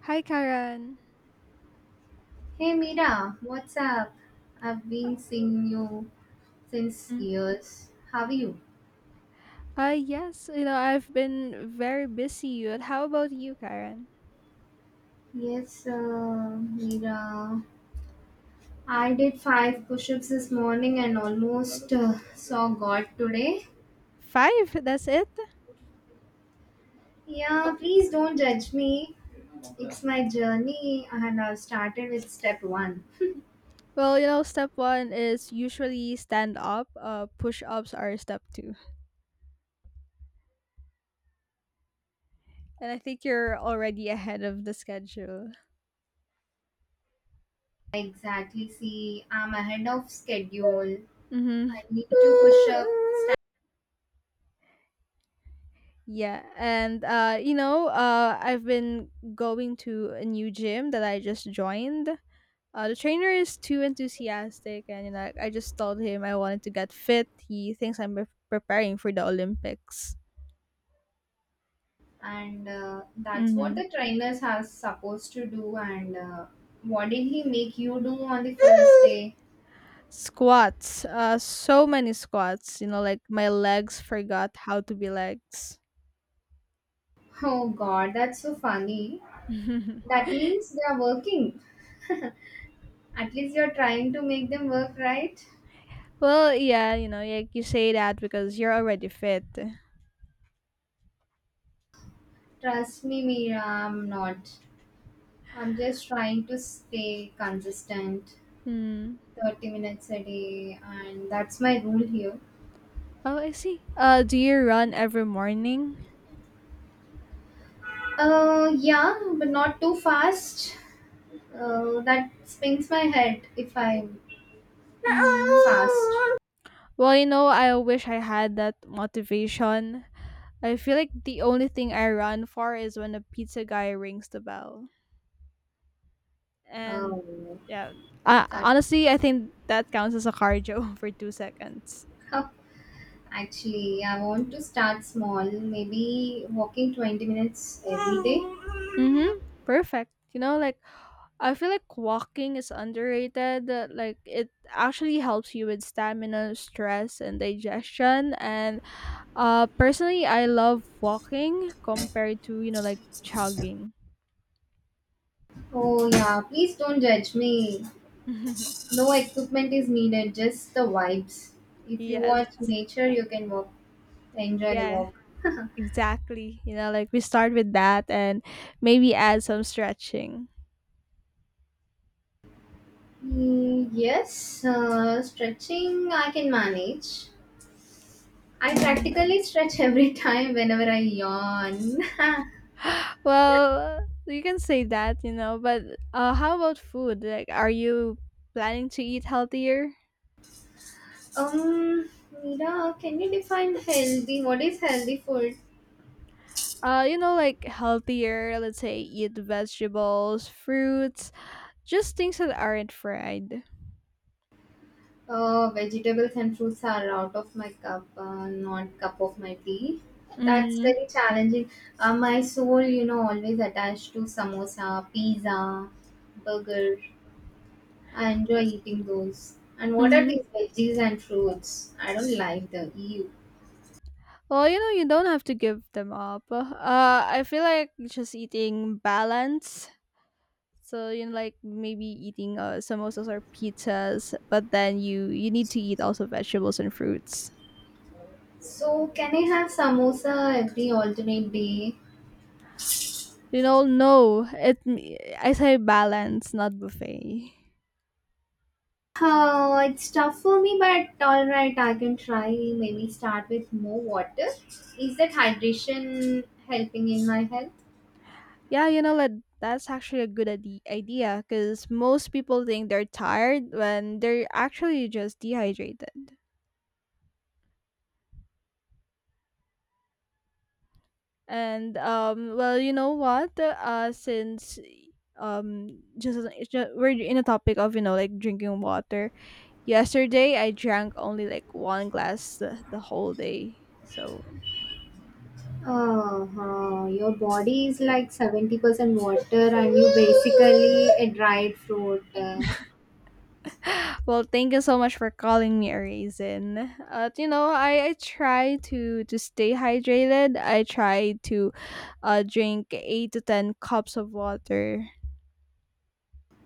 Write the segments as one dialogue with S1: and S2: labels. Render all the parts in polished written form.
S1: Hi, Karen.
S2: Hey Mira, what's up? I've been seeing you since
S1: Mm.
S2: years. How are you?
S1: Yes, I've been very busy, but how about you, Karen?
S2: Yes, Mira. I did five push-ups this morning and almost saw God today.
S1: Five, that's it?
S2: Yeah, please don't judge me. It's my journey, and I've started with step one.
S1: Well, step one is usually stand up, push ups are step two. And I think you're already ahead of the schedule.
S2: Exactly, see, I'm ahead of schedule.
S1: Mm-hmm.
S2: I need to push up,
S1: Yeah, and I've been going to a new gym that I just joined. The trainer is too enthusiastic, and I just told him I wanted to get fit. He thinks I'm preparing for the Olympics.
S2: and that's what
S1: Hmm.
S2: the trainers are supposed to do and what did he make you do on the first day.
S1: Squats, so many squats. Like my legs forgot how to be legs.
S2: Oh god, that's so funny. That means they are working, at least you're trying to make them work, right?
S1: Well, yeah, like you say that because you're already fit.
S2: Trust me, Mira, I'm not. I'm just trying to stay consistent.
S1: Hmm.
S2: 30 minutes a day, and that's my rule here.
S1: Oh, I see. Do you run every morning?
S2: Yeah, but not too fast. That spins my head if I
S1: Mm.
S2: fast.
S1: Well, I wish I had that motivation. I feel like the only thing I run for is when the pizza guy rings the bell. And
S2: Oh,
S1: yeah,
S2: that
S1: honestly, I think that counts as a cardio for 2 seconds.
S2: actually, I want to start small, maybe walking 20 minutes every day.
S1: Mm-hmm. Perfect. Like I feel like walking is underrated. Like it actually helps you with stamina, stress, and digestion. And personally, I love walking compared to like jogging.
S2: Oh, yeah, please don't judge me. No equipment is needed, just the vibes. If you
S1: Yes.
S2: want nature, you can walk, enjoy the
S1: Yeah.
S2: walk.
S1: Exactly. Like we start with that and maybe add some stretching.
S2: Mm, yes, stretching I can manage. I
S1: Hmm.
S2: practically stretch every time whenever I yawn.
S1: Well, you can say that, but how about food? Like, are you planning to eat healthier?
S2: Um, Mira, can you define healthy? What is healthy food?
S1: Like healthier, let's say eat vegetables, fruits, just things that aren't fried.
S2: Vegetables and fruits are out of my cup, not cup of my tea. That's
S1: Mm,
S2: very challenging. My soul, always attached to samosa, pizza, burger. I enjoy eating those. And what are
S1: mm-hmm.
S2: these veggies and fruits? I don't like the EU.
S1: Well, you don't have to give them up. I feel like just eating balance. So like maybe eating samosas or pizzas, but then you need to eat also vegetables and fruits.
S2: So, can I have samosa every alternate day?
S1: No, it, I say balance, not buffet.
S2: Oh, it's tough for me, but all right, I can try. Maybe start with more water. Is that hydration helping in my health?
S1: Yeah, like that's actually a good idea because most people think they're tired when they're actually just dehydrated. And well, you know what? Since um, just, just we're in a topic of like drinking water. Yesterday, I drank only like one glass the whole day. So,
S2: Uh-huh. Your body is
S1: eh,
S2: like 70% water, and you basically a dried fruit.
S1: well, thank you so much for calling me a raisin. I try to stay hydrated. I try to drink eight to ten cups of water.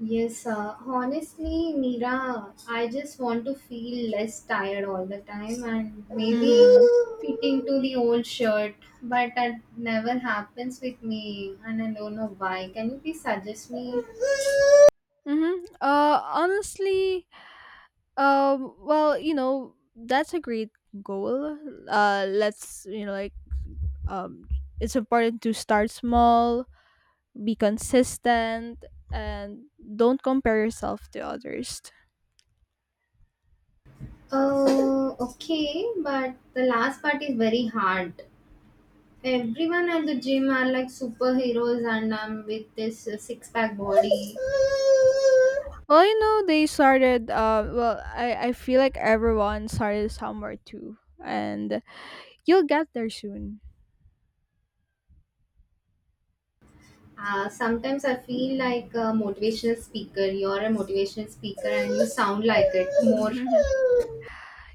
S2: Yes, honestly, Mira, I just want to feel less tired all the time and maybe
S1: Mm-hmm.
S2: fitting to the old shirt, but that never happens with me and I don't know why. Can you please suggest me?
S1: Mm-hmm. Honestly, well, that's a great goal. Let's you know, like, um, it's important to start small, be consistent, and don't compare yourself to others.
S2: Oh, okay, but the last part is very hard. Everyone at the gym are like superheroes and I'm with this six pack body.
S1: Well, they started, I feel like everyone started somewhere too, and you'll get there soon.
S2: Sometimes I feel like a motivational speaker. You're a motivational speaker and you sound like it more.
S1: You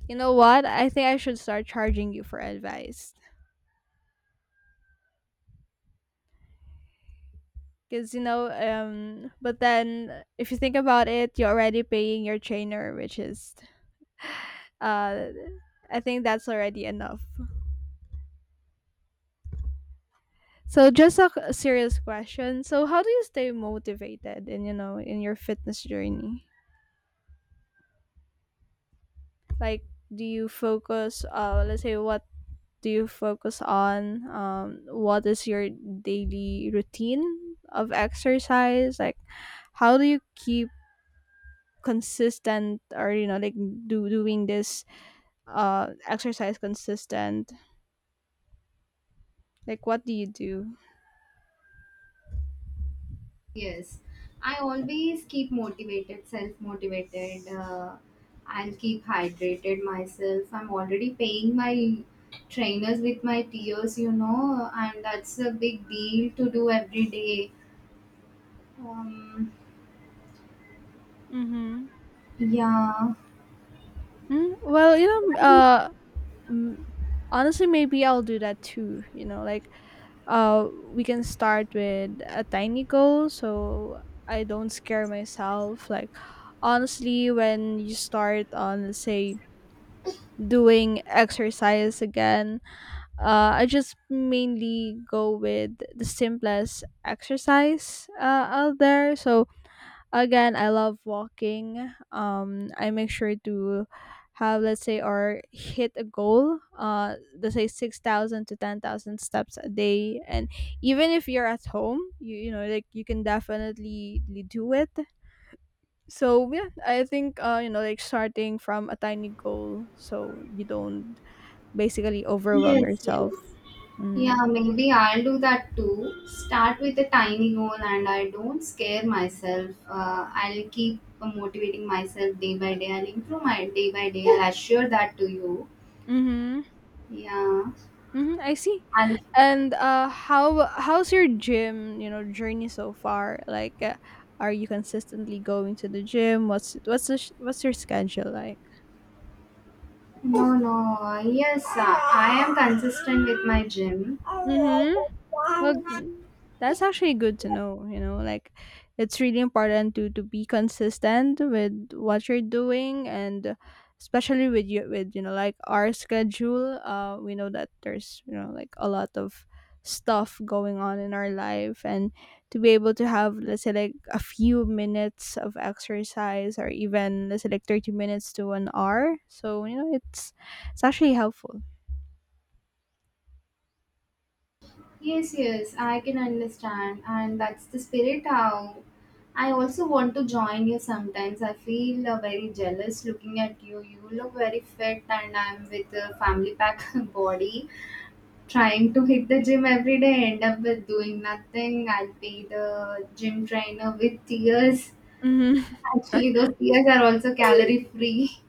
S1: know what, I think I should start charging you for advice, because but then if you think about it, you're already paying your trainer, which is, uh I think that's already enough. So just a serious question. So how do you stay motivated in in your fitness journey? Like do you focus, let's say, what do you focus on? What is your daily routine of exercise? Like how do you keep consistent, or like do doing this exercise consistent? Like what do you do?
S2: Yes. I always keep motivated, self motivated. I'll keep hydrated myself. I'm already paying my trainers with my tears, and that's a big deal to do every day. Um,
S1: Mhm.
S2: yeah.
S1: Mm, well, m- honestly maybe I'll do that too, We can start with a tiny goal so I don't scare myself. Like, honestly, when you start on, let's say, doing exercise again, I just mainly go with the simplest exercise out there. So, again, I love walking. I make sure to have, let's say, or hit a goal. Let's say 6,000 to 10,000 steps a day, and even if you're at home, you know, like you can definitely do it. So yeah, I think, like starting from a tiny goal, so you don't basically overwhelm
S2: Yes,
S1: yourself.
S2: yes.
S1: Mm-hmm.
S2: Yeah, maybe I'll do that too. Start with a tiny goal and I don't scare myself. I'll keep motivating myself day by day. I'll improve my day by day. I'll assure that to you.
S1: Mm-hmm.
S2: Yeah.
S1: Mm-hmm, I see.
S2: I'll,
S1: And how's your gym, journey so far? Like, are you consistently going to the gym? What's your schedule like?
S2: no, no. Yes, I am consistent with my gym.
S1: Mm-hmm. Well, that's actually good to know, It's really important to be consistent with what you're doing, and especially with you know like our schedule. We know that there's, like a lot of stuff going on in our life, and to be able to have, let's say, like a few minutes of exercise, or even let's say like 30 minutes to an hour. So, it's actually helpful.
S2: Yes, yes, I can understand, and that's the spirit. How I also want to join you sometimes. I feel very jealous looking at you. You look very fit, and I'm with a family pack body trying to hit the gym every day. End up with doing nothing. I'll pay the gym trainer with tears.
S1: Mhm.
S2: Actually, those tears are also calorie free.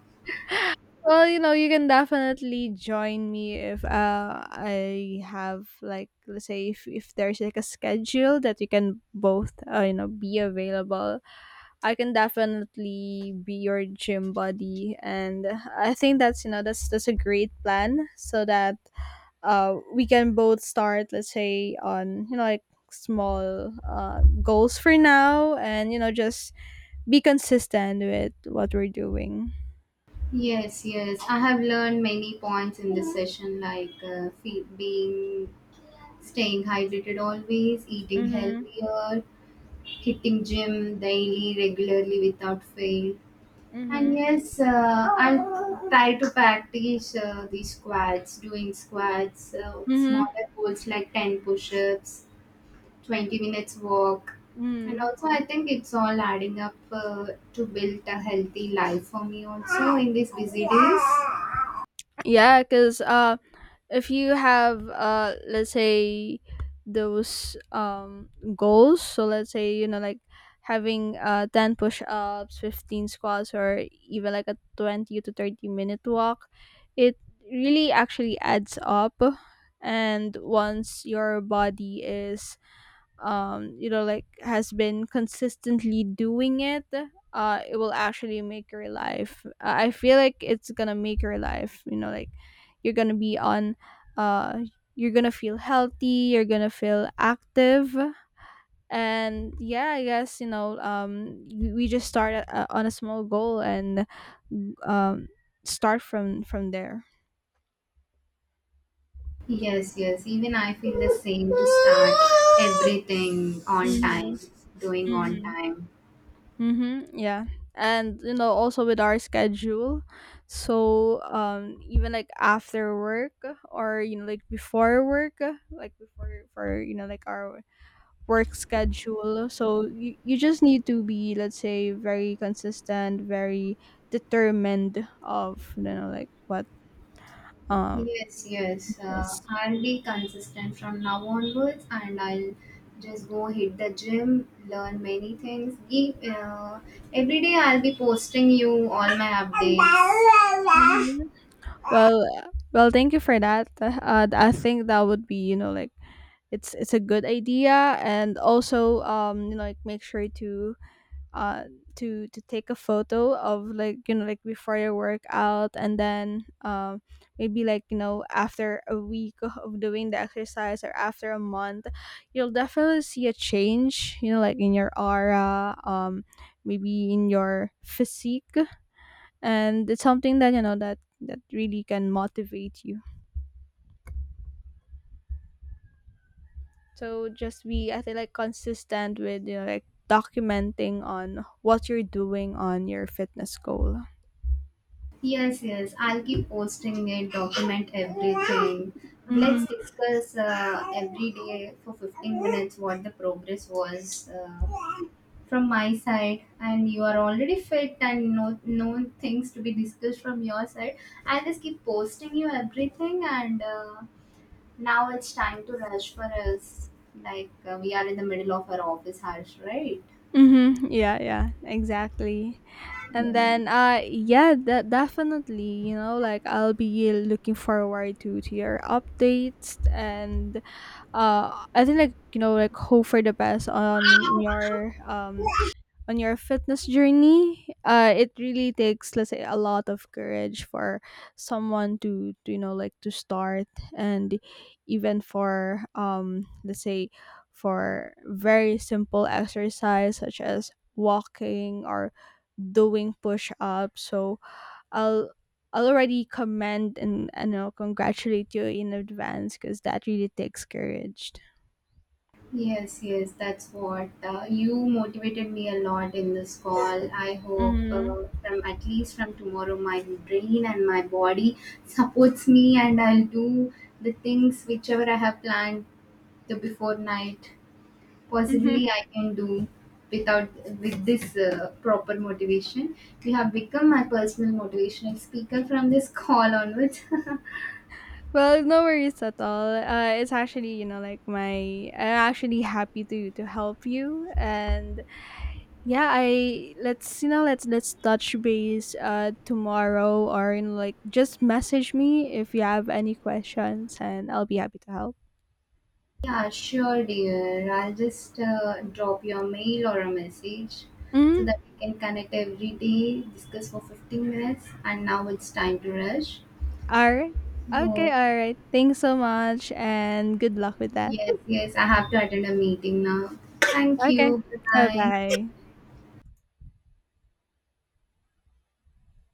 S1: Well, you can definitely join me if I have like, let's say, if there's like a schedule that you can both, be available. I can definitely be your gym buddy, and I think that's, that's a great plan, so that we can both start, let's say on like small goals for now, and just be consistent with what we're doing.
S2: Yes, yes. I have learned many points in this session, like being staying hydrated always, eating
S1: Mhm.
S2: healthier, hitting gym daily, regularly without fail. And
S1: Mhm.
S2: yes, I'll try to practice the squats, doing squats,
S1: Mhm.
S2: smaller goals like 10 push ups, 20 minutes walk. And
S1: Mm.
S2: also, I think it's all adding up to build a healthy life for me also in these busy days.
S1: Yeah, because, if you have, let's say those goals, so let's say, like having 10 push-ups, 15 squats, or even like a 20 to 30 minute walk, it really actually adds up. And once your body is, has been consistently doing it, it will actually make your life. I feel like it's gonna make your life, you know like you're gonna be on uh you're gonna feel healthy, you're gonna feel active. And yeah, I guess, we just start on a small goal and um start from there.
S2: Yes, yes. Even I feel the same to start everything on time, doing on
S1: Hmm.
S2: time.
S1: Mm-hmm, yeah. And also with our schedule. So even like after work, or like before work, like before for like our work schedule. So you just need to be, let's say, very consistent, very determined of like what um
S2: Yes, yes.
S1: is.
S2: I'll be consistent from now onwards and I'll just go hit the gym, learn many things. Every day I'll be posting you all my
S1: Hmm.
S2: updates.
S1: Well, thank you for that. I think that would be, like it's a good idea, and also like make sure to uh to take a photo of like, like before your workout, and then maybe like, after a week of doing the exercise, or after a month, you'll definitely see a change, like in your aura, maybe in your physique, and it's something that, that really can motivate you. So just be, I feel like, consistent with like documenting on what you're doing on your fitness goal.
S2: Yes, yes. I'll keep posting it, document everything.
S1: Mm-hmm.
S2: Let's discuss every day for 15 minutes what the progress was from my side. And you are already fit and no, no things to be discussed from your side. I'll just keep posting you everything. And now it's time to rush for us. Like we are in the middle of our office hours, right?
S1: Mm-hmm. Yeah, yeah, exactly. And
S2: Yeah.
S1: then yeah, that definitely, like I'll be looking forward to your updates, and I think like, like hope for the best on your, fitness journey. It really takes, let's say, a lot of courage for someone to like to start, and even for let's say, for very simple exercise such as walking or doing push-ups, so i'll I'll already commend and congratulate you in advance, because that really takes courage.
S2: Yes, yes, that's what you motivated me a lot in this call. I hope
S1: Mm-hmm.
S2: from at least from tomorrow, my brain and my body supports me, and I'll do the things whichever I have planned the before night. Possibly, I can do without with this proper motivation. You have become my personal motivational speaker from this call onwards.
S1: Well, no worries at all. It's actually, like my I'm actually happy to help you, and yeah, I let's you know, let's touch base, tomorrow, or in like just message me if you have any questions, and I'll be happy to help.
S2: Yeah, sure, dear. I'll just drop your mail or a message so
S1: Mhm.
S2: that we can connect every day, discuss for 15 minutes, and now it's time to rush.
S1: All right. Okay,
S2: So,
S1: all right. Thanks so much and good luck with that.
S2: yes, yes, I have to attend a meeting now. Thank
S1: Okay.
S2: you. Bye bye.
S1: Bye-bye.